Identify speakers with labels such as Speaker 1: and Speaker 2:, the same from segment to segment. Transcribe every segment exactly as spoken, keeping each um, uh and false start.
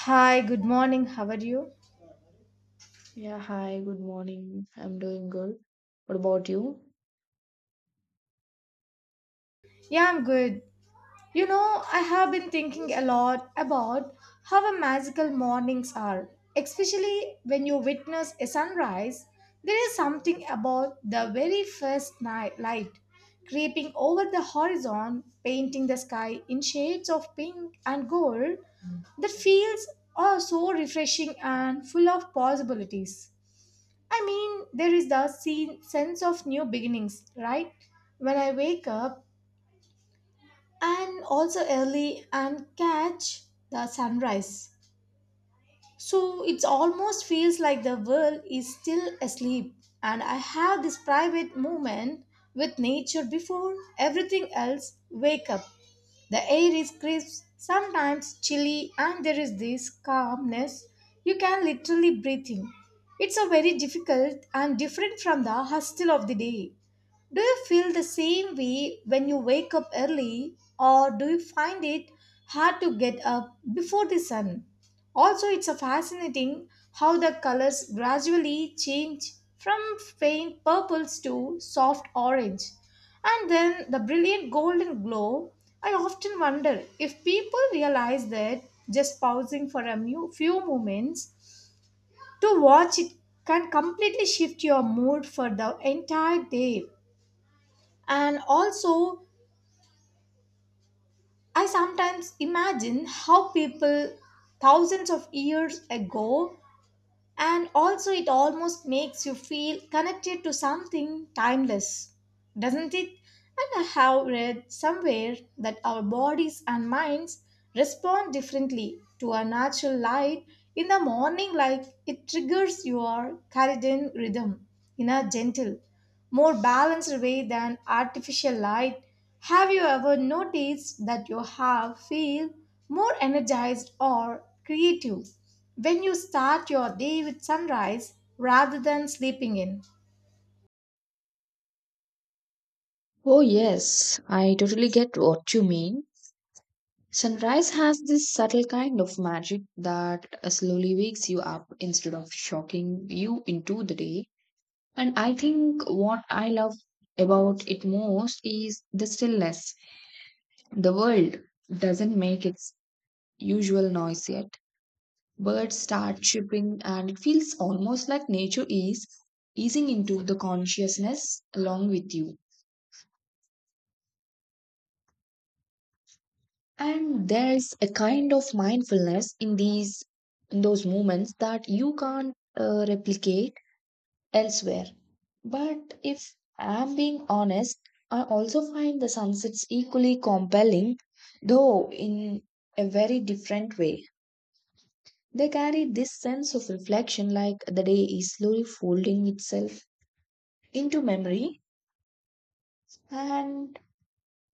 Speaker 1: Hi, good morning. How are you?
Speaker 2: Yeah, hi, good morning. I'm doing good. What about you?
Speaker 1: Yeah, I'm good. You know, I have been thinking a lot about how a magical mornings are, especially when you witness a sunrise. There is something about the very first night light creeping over the horizon, painting the sky in shades of pink and gold that feels oh, so refreshing and full of possibilities. I mean, there is the scene, sense of new beginnings, right? When I wake up and also early and catch the sunrise. So it almost feels like the world is still asleep, and I have this private moment with nature before everything else wake up. The air is crisp, sometimes chilly, and there is this calmness you can literally breathe in. It's a very difficult and different from the hustle of the day. Do you feel the same way when you wake up early, or do you find it hard to get up before the sun? Also, it's a fascinating how the colors gradually change from faint purples to soft orange and then the brilliant golden glow. I often wonder if people realize that just pausing for a mu- few moments to watch it can completely shift your mood for the entire day. And also, I sometimes imagine how people thousands of years ago. And also, it almost makes you feel connected to something timeless, doesn't it? And I have read somewhere that our bodies and minds respond differently to a natural light in the morning, like it triggers your circadian rhythm in a gentle, more balanced way than artificial light. Have you ever noticed that you have feel more energized or creative when you start your day with sunrise rather than sleeping in?
Speaker 2: Oh, yes, I totally get what you mean. Sunrise has this subtle kind of magic that slowly wakes you up instead of shocking you into the day. And I think what I love about it most is the stillness. The world doesn't make its usual noise yet. Birds start chirping and it feels almost like nature is easing into the consciousness along with you, and there's a kind of mindfulness in these in those moments that you can't uh, replicate elsewhere. But if I'm being honest, I also find the sunsets equally compelling, though in a very different way. They carry this sense of reflection, like the day is slowly folding itself into memory, and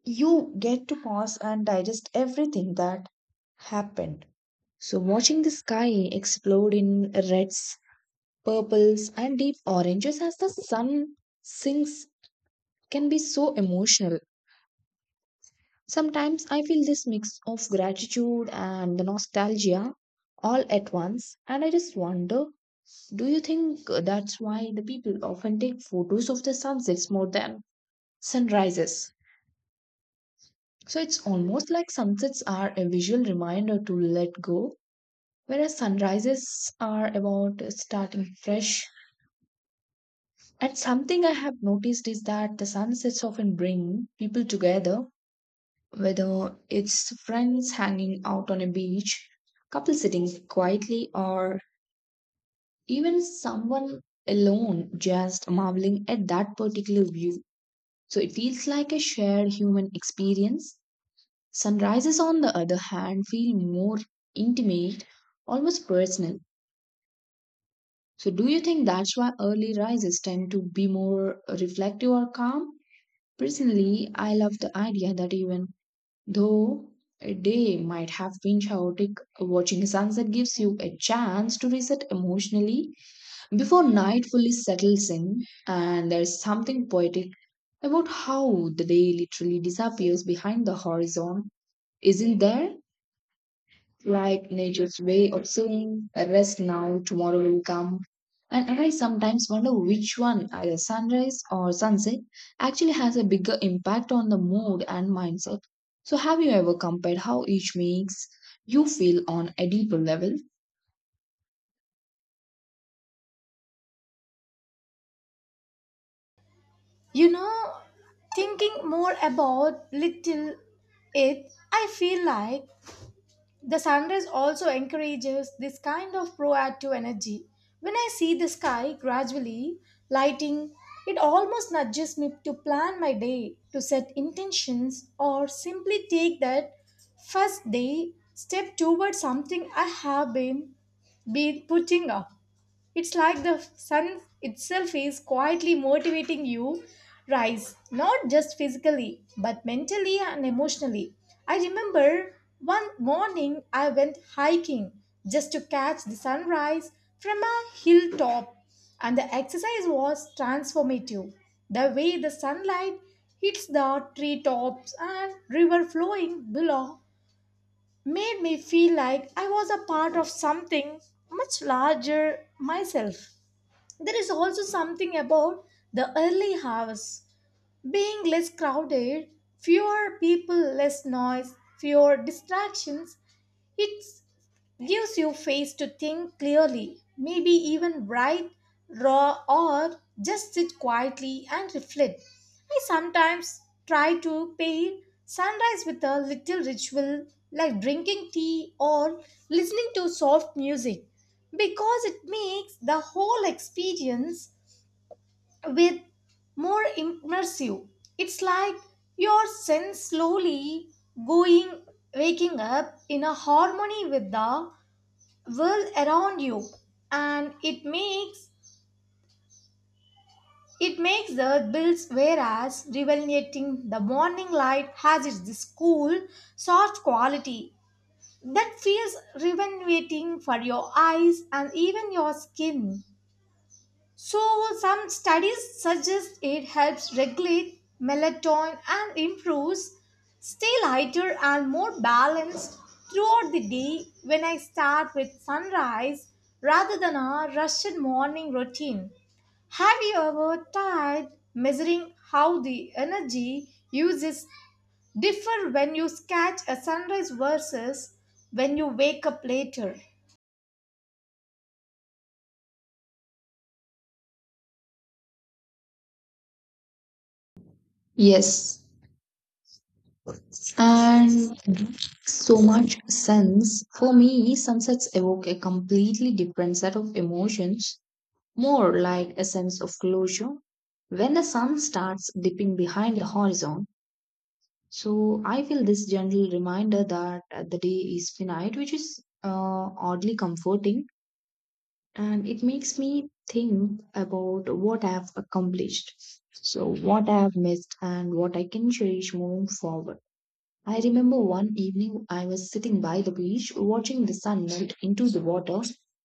Speaker 2: you get to pause and digest everything that happened. So, watching the sky explode in reds, purples, and deep oranges as the sun sinks can be so emotional. Sometimes I feel this mix of gratitude and the nostalgia all at once, and I just wonder, do you think that's why the people often take photos of the sunsets more than sunrises? So it's almost like sunsets are a visual reminder to let go, whereas sunrises are about starting fresh. And something I have noticed is that the sunsets often bring people together, whether it's friends hanging out on a beach, couple sitting quietly, or even someone alone just marveling at that particular view. So it feels like a shared human experience. Sunrises, on the other hand, feel more intimate, almost personal. So, do you think that's why early rises tend to be more reflective or calm? Personally, I love the idea that even though a day might have been chaotic, watching a sunset gives you a chance to reset emotionally before night fully settles in, and there's something poetic about how the day literally disappears behind the horizon, isn't there? Like nature's way of saying, rest now, tomorrow will come. And I sometimes wonder which one, either sunrise or sunset, actually has a bigger impact on the mood and mindset. So, have you ever compared how each makes you feel on a deeper level?
Speaker 1: You know, thinking more about little it, I feel like the sunrise also encourages this kind of proactive energy. When I see the sky gradually lighting, it almost nudges me to plan my day, to set intentions, or simply take that first day step towards something I have been, been putting off. It's like the sun itself is quietly motivating you rise, not just physically, but mentally and emotionally. I remember one morning I went hiking just to catch the sunrise from a hilltop, and the exercise was transformative. The way the sunlight hits the treetops and river flowing below made me feel like I was a part of something much larger myself. There is also something about the early hours being less crowded, fewer people, less noise, fewer distractions. It gives you space to think clearly, maybe even write, draw, or just sit quietly and reflect. I sometimes try to pair sunrise with a little ritual like drinking tea or listening to soft music because it makes the whole experience with more immersive. It's like your sense slowly going waking up in a harmony with the world around you, and it makes it makes the bills whereas rejuvenating. The morning light has its this cool soft quality that feels rejuvenating for your eyes and even your skin. So, some studies suggest it helps regulate melatonin and improves stay lighter and more balanced throughout the day when I start with sunrise rather than a rushed morning routine. Have you ever tried measuring how the energy uses differ when you catch a sunrise versus when you wake up later?
Speaker 2: Yes, and so much sense. For me, sunsets evoke a completely different set of emotions, more like a sense of closure when the sun starts dipping behind the horizon. So I feel this gentle reminder that uh, the day is finite, which is uh, oddly comforting, and it makes me think about what I've accomplished. So, what I've missed and what I can cherish moving forward. I remember one evening I was sitting by the beach watching the sun melt into the water,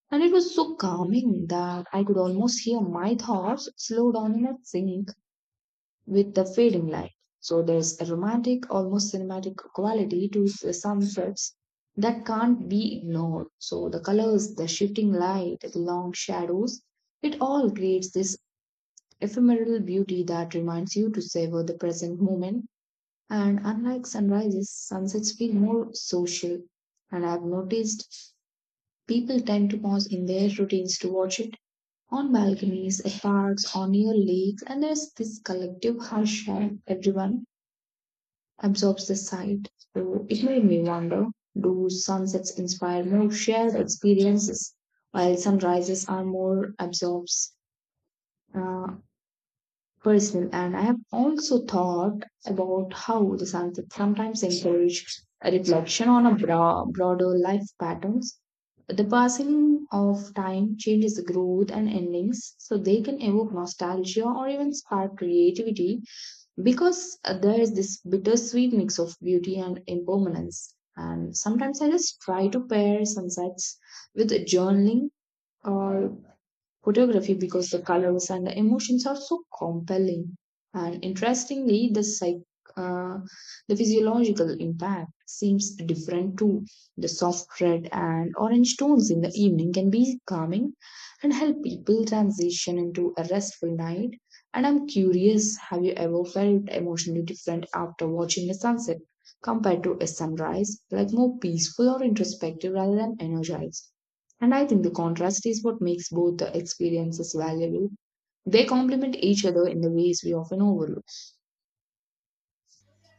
Speaker 2: and it was so calming that I could almost hear my thoughts slow down in a sync with the fading light. So there's a romantic, almost cinematic quality to the sunsets that can't be ignored. So the colors, the shifting light, the long shadows, it all creates this ephemeral beauty that reminds you to savor the present moment. And unlike sunrises, sunsets feel more social. And I've noticed people tend to pause in their routines to watch it, on balconies, at parks, or near lakes. And there's this collective hush where everyone absorbs the sight. So it made me wonder, do sunsets inspire more shared experiences while sunrises are more absorbs? Uh, Personal. And I have also thought about how the sunset sometimes encourage a reflection on a bro- broader life patterns. The passing of time changes the growth and endings, so they can evoke nostalgia or even spark creativity because uh, there is this bittersweet mix of beauty and impermanence. And sometimes I just try to pair sunsets with journaling or photography because the colors and the emotions are so compelling. And interestingly, the psych, uh, the physiological impact seems different too. The soft red and orange tones in the evening can be calming and help people transition into a restful night. And I'm curious, have you ever felt emotionally different after watching a sunset compared to a sunrise, like more peaceful or introspective rather than energized? And I think the contrast is what makes both the experiences valuable. They complement each other in the ways we often overlook.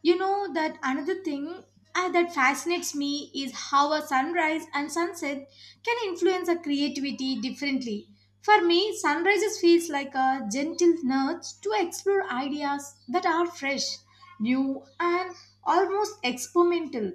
Speaker 1: You know that another thing uh, that fascinates me is how a sunrise and sunset can influence our creativity differently. For me, sunrises feels like a gentle nudge to explore ideas that are fresh, new, and almost experimental.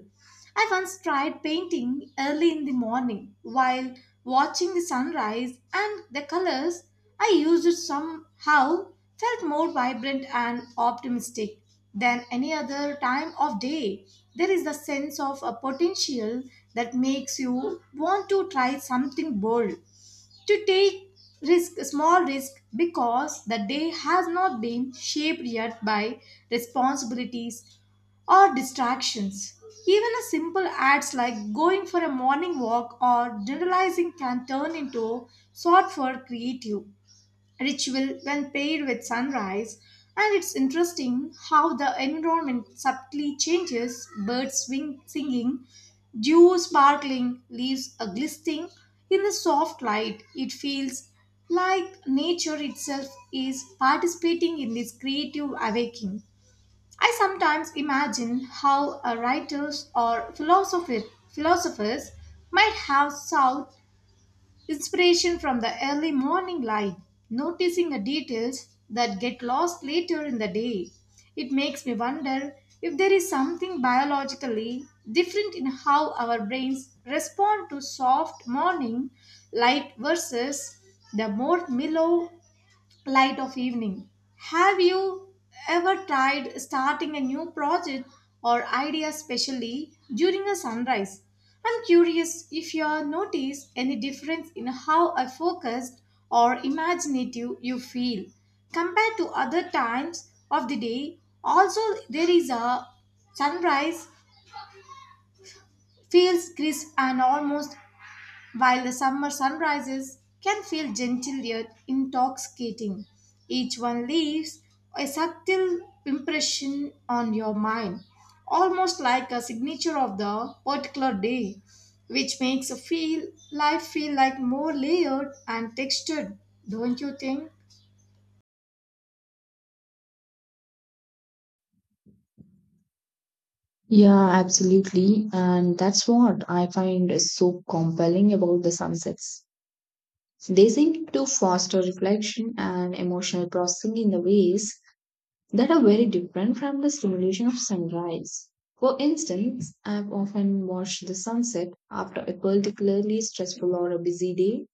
Speaker 1: I once tried painting early in the morning while watching the sunrise, and the colors I used somehow felt more vibrant and optimistic than any other time of day. There is a sense of a potential that makes you want to try something bold, to take risk, small risk, because the day has not been shaped yet by responsibilities or distractions. Even a simple acts like going for a morning walk or generalizing can turn into sort for creative ritual when paired with sunrise. And it's interesting how the environment subtly changes, birds swing, singing, dew sparkling, leaves a glistening in the soft light. It feels like nature itself is participating in this creative awakening. I sometimes imagine how uh, writers or philosopher, philosophers might have sought inspiration from the early morning light, noticing the details that get lost later in the day. It makes me wonder if there is something biologically different in how our brains respond to soft morning light versus the more mellow light of evening. Have you ever tried starting a new project or idea, especially during a sunrise? I'm curious if you have noticed any difference in how I focused or imaginative you feel compared to other times of the day. Also, there is a sunrise feels crisp and almost, while the summer sunrises can feel gentle yet intoxicating. Each one leaves a subtle impression on your mind, almost like a signature of the particular day, which makes a feel life feel like more layered and textured, don't you think?
Speaker 2: Yeah, absolutely. And that's what I find is so compelling about the sunsets. They seem to foster reflection and emotional processing in the ways that are very different from the stimulation of sunrise. For instance, I've often watched the sunset after a particularly stressful or a busy day,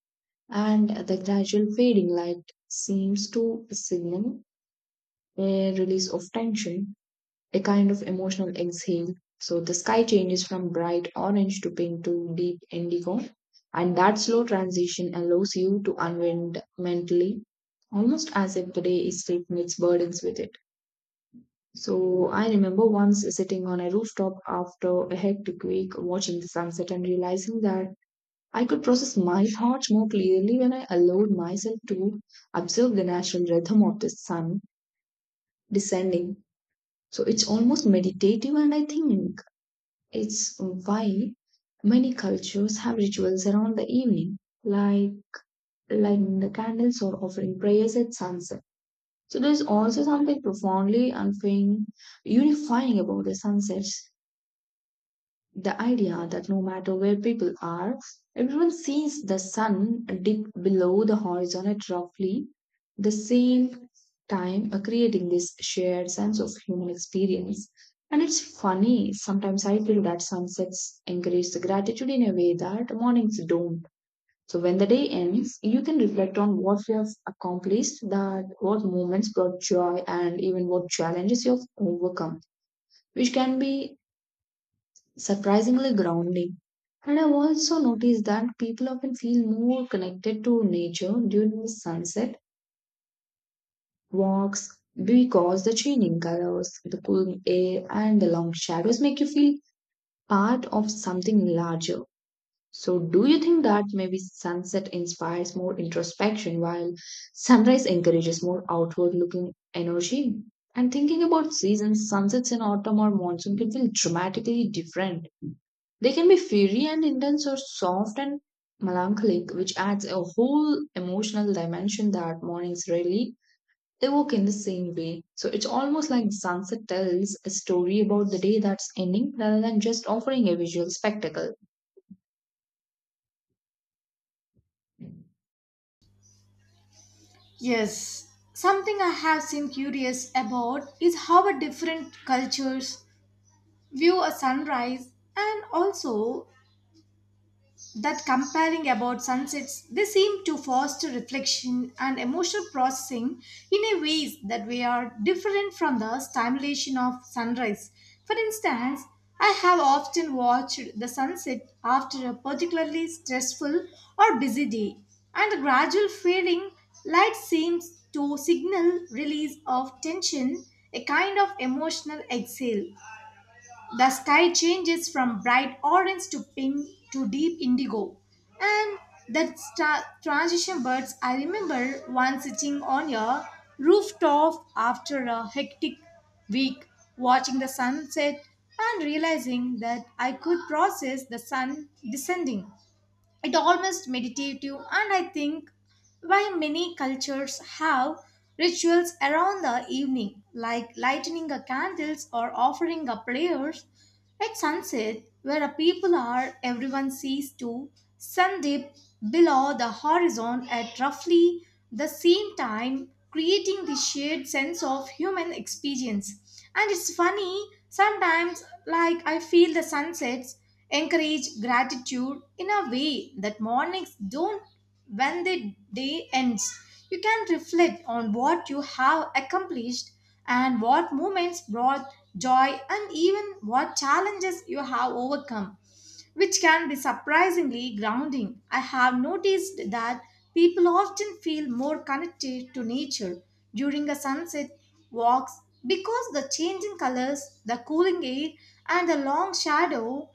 Speaker 2: and the gradual fading light seems to signal a release of tension, a kind of emotional exhale. So the sky changes from bright orange to pink to deep indigo, and that slow transition allows you to unwind mentally, almost as if the day is taking its burdens with it. So I remember once sitting on a rooftop after a hectic week watching the sunset and realizing that I could process my thoughts more clearly when I allowed myself to observe the natural rhythm of the sun descending. So it's almost meditative, and I think it's why many cultures have rituals around the evening, like lighting the candles or offering prayers at sunset. So there's also something profoundly unfying, unifying about the sunsets. The idea that no matter where people are, everyone sees the sun dip below the horizon at roughly the same time, uh, creating this shared sense of human experience. And it's funny, sometimes I feel that sunsets encourage the gratitude in a way that mornings don't. So when the day ends, you can reflect on what you have accomplished, that what moments brought joy, and even what challenges you have overcome, which can be surprisingly grounding. And I've also noticed that people often feel more connected to nature during the sunset walks because the changing colors, the cool air, and the long shadows make you feel part of something larger. So, do you think that maybe sunset inspires more introspection while sunrise encourages more outward looking energy? And thinking about seasons, sunsets in autumn or monsoon can feel dramatically different. They can be fiery and intense or soft and melancholic, which adds a whole emotional dimension that mornings rarely evoke in the same way. So it's almost like sunset tells a story about the day that's ending rather than just offering a visual spectacle.
Speaker 1: Yes, something I have seen curious about is how a different cultures view a sunrise, and also that comparing about sunsets, they seem to foster reflection and emotional processing in a ways that we are different from the stimulation of sunrise. For instance, I have often watched the sunset after a particularly stressful or busy day, and the gradual fading light seems to signal release of tension, a kind of emotional exhale. The sky changes from bright orange to pink to deep indigo. And that stra- transition birds, I remember once sitting on a rooftop after a hectic week, watching the sunset and realizing that I could process the sun descending. It almost meditative, and I think why many cultures have rituals around the evening, like lighting a candles or offering a prayers at sunset. Where a people are, everyone sees to sun dip below the horizon at roughly the same time, creating the shared sense of human experience. And it's funny, sometimes, like, I feel the sunsets encourage gratitude in a way that mornings don't when the day ends. You can reflect on what you have accomplished, and what moments brought joy, and even what challenges you have overcome, which can be surprisingly grounding. I have noticed that people often feel more connected to nature during a sunset walks, because the changing colors, the cooling air, and the long shadow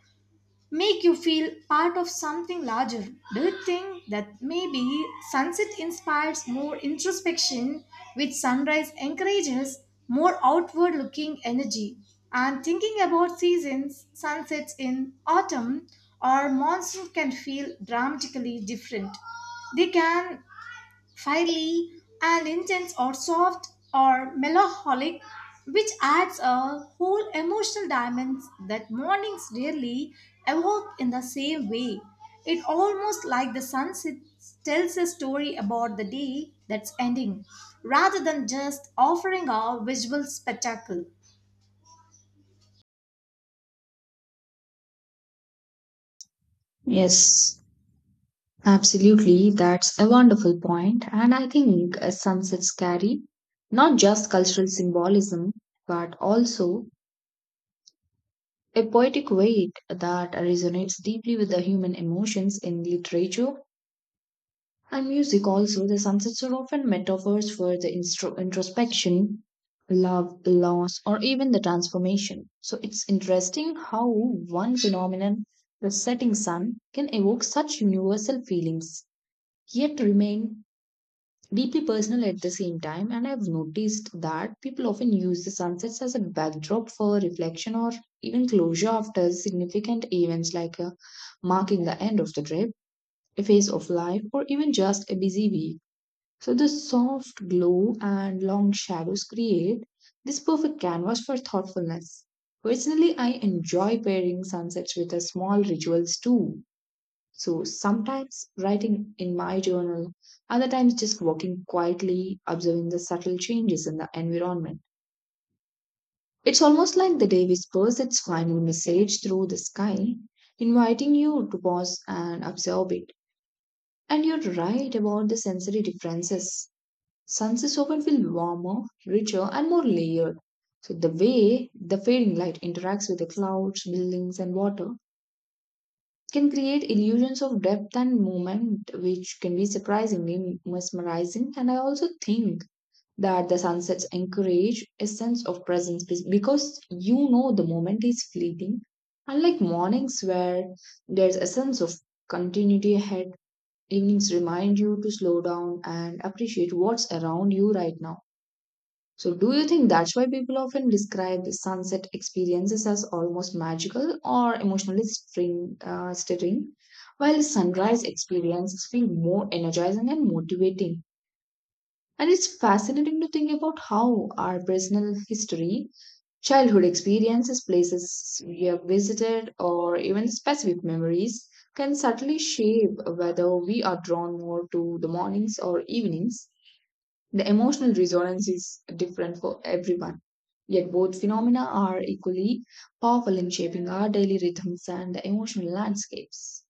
Speaker 1: make you feel part of something larger. Do you think that maybe sunset inspires more introspection, which sunrise encourages more outward looking energy? And thinking about seasons, sunsets in autumn or monsoon can feel dramatically different. They can finally, and intense or soft or melancholic, which adds a whole emotional dimension that mornings rarely evoke in the same way. It almost like the sunset tells a story about the day that's ending, rather than just offering a visual spectacle.
Speaker 2: Yes, absolutely, that's a wonderful point, and I think uh, sunsets carry not just cultural symbolism but also a poetic weight that resonates deeply with the human emotions in literature and music. Also, the sunsets are often metaphors for the instro- introspection, love, loss, or even the transformation. So, it's interesting how one phenomenon, the setting sun, can evoke such universal feelings, yet remain deeply personal at the same time. And I've noticed that people often use the sunsets as a backdrop for reflection or even closure after significant events, like uh, marking the end of the trip, a phase of life, or even just a busy week. So the soft glow and long shadows create this perfect canvas for thoughtfulness. Personally, I enjoy pairing sunsets with uh, small rituals too, so sometimes writing in my journal, other times just walking quietly, observing the subtle changes in the environment. It's almost like the day whispers its final message through the sky, inviting you to pause and observe it. And you're right about the sensory differences. Sunsets often feel warmer, richer, and more layered. So the way the fading light interacts with the clouds, buildings, and water can create illusions of depth and movement, which can be surprisingly mesmerizing. And I also think that the sunsets encourage a sense of presence be- because you know the moment is fleeting. Unlike mornings where there's a sense of continuity ahead, evenings remind you to slow down and appreciate what's around you right now. So, do you think that's why people often describe sunset experiences as almost magical or emotionally string, uh, stirring, while sunrise experiences feel more energizing and motivating? And it's fascinating to think about how our personal history, childhood experiences, places we have visited, or even specific memories can subtly shape whether we are drawn more to the mornings or evenings. The emotional resonance is different for everyone, yet both phenomena are equally powerful in shaping our daily rhythms and the emotional landscapes.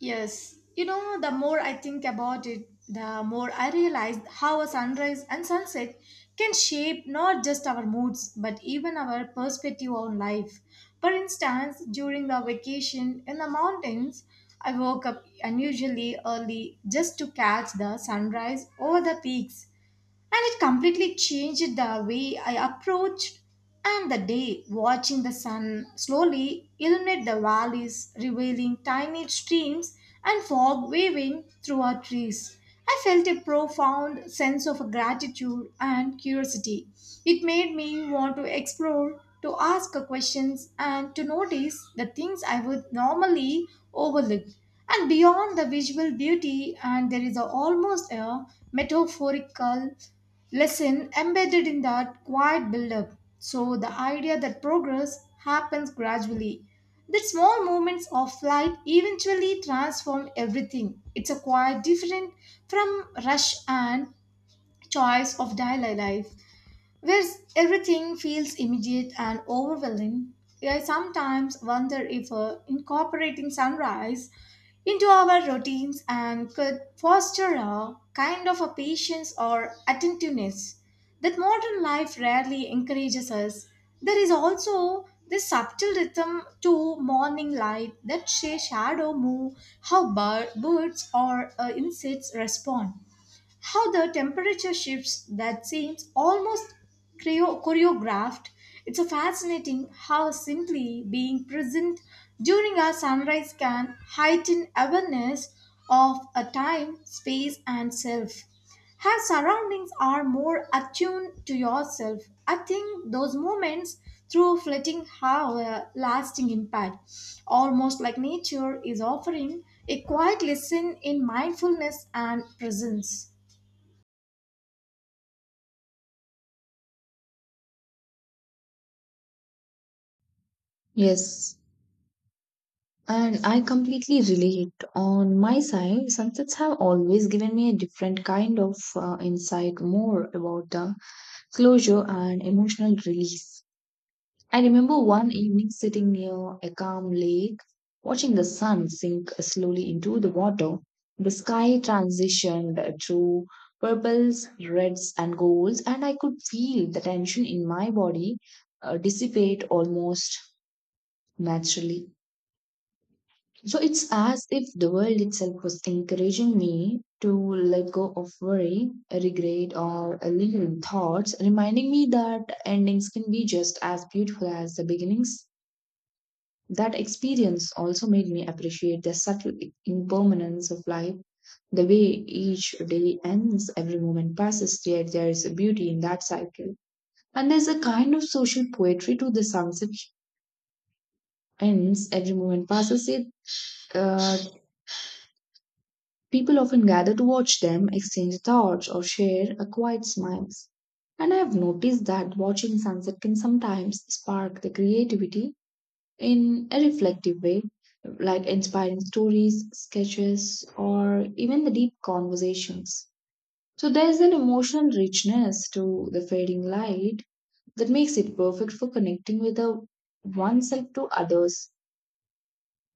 Speaker 1: Yes, you know, the more I think about it, the more I realize how a sunrise and sunset can shape not just our moods, but even our perspective on life. For instance, during the vacation in the mountains, I woke up unusually early just to catch the sunrise over the peaks, and it completely changed the way I approached and the day. Watching the sun slowly illuminate the valleys, revealing tiny streams and fog waving through our trees, I felt a profound sense of gratitude and curiosity. It made me want to explore, to ask questions, and to notice the things I would normally overlook. And beyond the visual beauty, and there is a, almost a metaphorical lesson embedded in that quiet build-up. So the idea that progress happens gradually, that small moments of light eventually transform everything. It's a quite different from rush and choice of daily life, where everything feels immediate and overwhelming. I sometimes wonder if uh, incorporating sunrise into our routines and could foster a kind of a patience or attentiveness that modern life rarely encourages us. There is also this subtle rhythm to morning light, that sh- shadow move, how bir- birds or uh, insects respond, how the temperature shifts, that seems almost choreo- choreographed. It's a fascinating how simply being present during a sunrise can heighten awareness of a time, space, and self. Her surroundings are more attuned to yourself. I think those moments through flitting have a lasting impact, almost like nature is offering a quiet lesson in mindfulness and presence.
Speaker 2: Yes, and I completely relate. On my side, sunsets have always given me a different kind of uh, insight, more about the closure and emotional release. I remember one evening sitting near a calm lake, watching the sun sink slowly into the water. The sky transitioned to purples, reds, and golds, and I could feel the tension in my body uh, dissipate almost naturally. So it's as if the world itself was encouraging me to let go of worry, regret, or lingering thoughts, reminding me that endings can be just as beautiful as the beginnings. That experience also made me appreciate the subtle impermanence of life, the way each day ends, every moment passes, yet there is a beauty in that cycle. And there's a kind of social poetry to the sunset ends, every moment passes, yet uh, people often gather to watch them, exchange thoughts, or share a quiet smiles. And I have noticed that watching sunset can sometimes spark the creativity in a reflective way, like inspiring stories, sketches, or even the deep conversations. So there's an emotional richness to the fading light that makes it perfect for connecting with a oneself to others.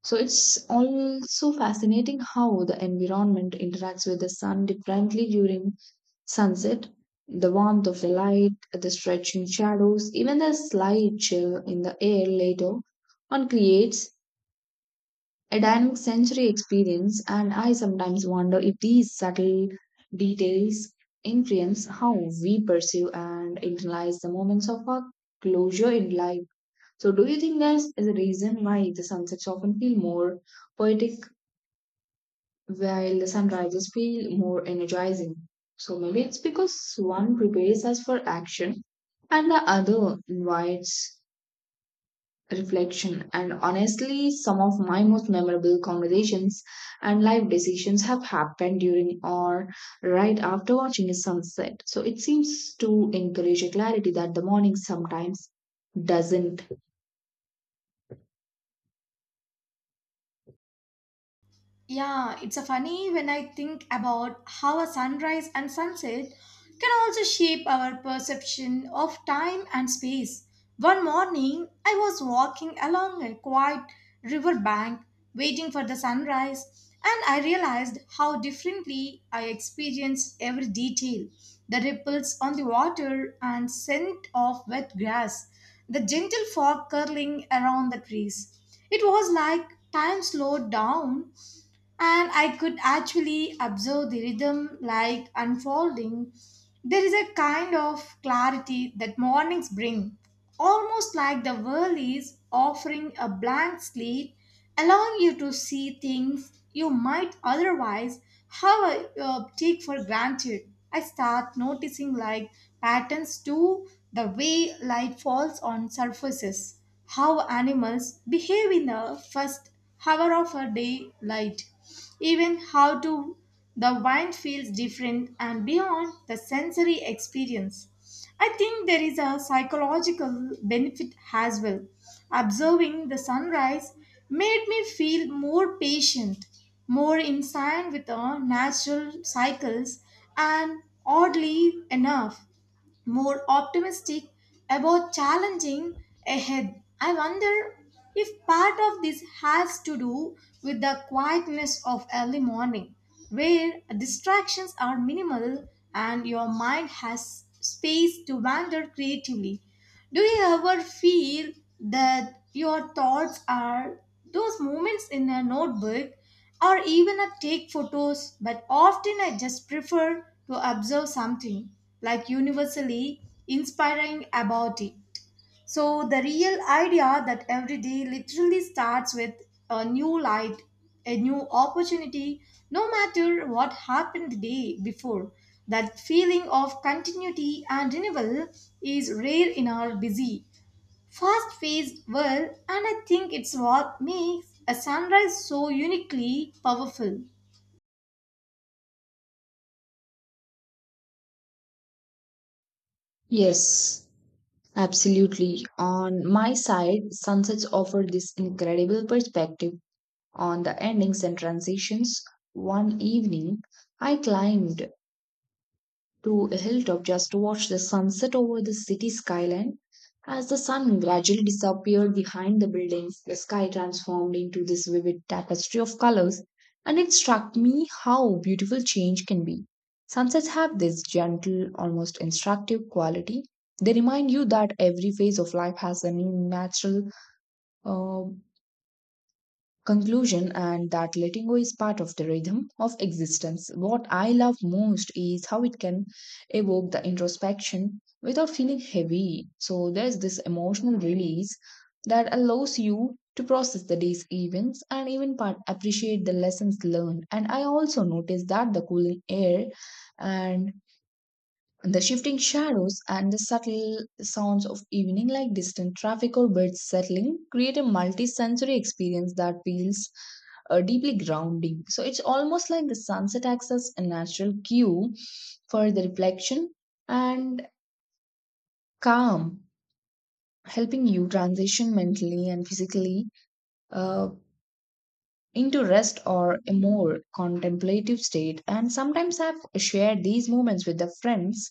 Speaker 2: So it's also fascinating how the environment interacts with the sun differently during sunset. The warmth of the light, the stretching shadows, even the slight chill in the air later on creates a dynamic sensory experience, and I sometimes wonder if these subtle details influence how we perceive and internalize the moments of our closure in life. So, do you think that is a reason why the sunsets often feel more poetic while the sunrises feel more energizing? So, maybe it's because one prepares us for action and the other invites reflection, and honestly, some of my most memorable conversations and life decisions have happened during or right after watching a sunset. So it seems to encourage a clarity that the morning sometimes doesn't.
Speaker 1: Yeah, it's a funny when I think about how a sunrise and sunset can also shape our perception of time and space. One morning, I was walking along a quiet riverbank waiting for the sunrise, and I realized how differently I experienced every detail, the ripples on the water and scent of wet grass, the gentle fog curling around the trees. It was like time slowed down, and I could actually observe the rhythm like unfolding. There is a kind of clarity that mornings bring, almost like the world is offering a blank slate, allowing you to see things you might otherwise have uh, take for granted. I start noticing like patterns too, the way light falls on surfaces, how animals behave in the first hour of a daylight, even how to the wine feels different, and beyond the sensory experience. I think there is a psychological benefit as well. Observing the sunrise made me feel more patient, more in sync with the natural cycles, and oddly enough, more optimistic about challenging ahead. I wonder if part of this has to do with the quietness of early morning, where distractions are minimal and your mind has space to wander creatively. Do you ever feel that your thoughts are those moments in a notebook or even a take photos, but often I just prefer to observe something like universally inspiring about it. So the real idea that every day literally starts with a new light, a new opportunity, no matter what happened the day before. That feeling of continuity and renewal is rare in our busy, fast paced world, and I think it's what makes a sunrise so uniquely powerful.
Speaker 2: Yes. Absolutely. On my side, sunsets offer this incredible perspective on the endings and transitions. One evening, I climbed to a hilltop just to watch the sunset over the city skyline. As the sun gradually disappeared behind the buildings, the sky transformed into this vivid tapestry of colors, and it struck me how beautiful change can be. Sunsets have this gentle, almost instructive quality. They remind you that every phase of life has a natural uh, conclusion and that letting go is part of the rhythm of existence. What I love most is how it can evoke the introspection without feeling heavy. So there's this emotional release that allows you to process the day's events and even part appreciate the lessons learned. And I also noticed that the cooling air and the shifting shadows and the subtle sounds of evening, like distant traffic or birds settling, create a multi-sensory experience that feels uh, deeply grounding. So it's almost like the sunset acts as a natural cue for the reflection and calm, helping you transition mentally and physically uh, into rest or a more contemplative state. And sometimes I've shared these moments with the friends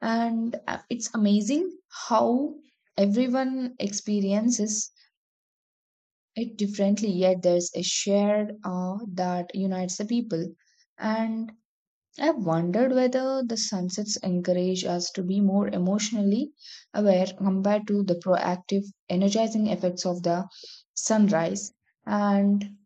Speaker 2: and uh, it's amazing how everyone experiences it differently yet there's a shared awe that unites the people and I've wondered whether the sunsets encourage us to be more emotionally aware compared to the proactive energizing effects of the sunrise and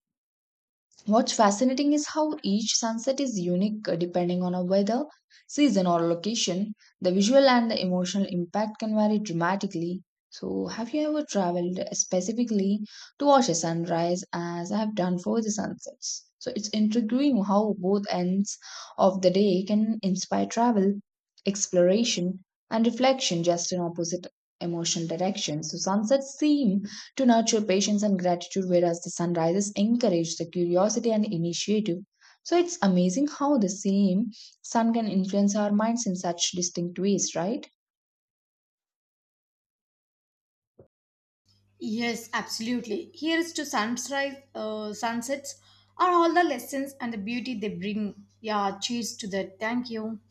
Speaker 2: what's fascinating is how each sunset is unique uh, depending on a weather, season, or location. The visual and the emotional impact can vary dramatically. So, have you ever traveled specifically to watch a sunrise as I have done for the sunsets? So, it's intriguing how both ends of the day can inspire travel, exploration, and reflection just in opposite emotional directions. So, sunsets seem to nurture patience and gratitude, whereas the sunrises encourage the curiosity and initiative. So it's amazing how the same sun can influence our minds in such distinct ways, right?
Speaker 1: Yes, absolutely. Here's to sunrise, uh, sunsets are all the lessons and the beauty they bring. Yeah, cheers to that. Thank you.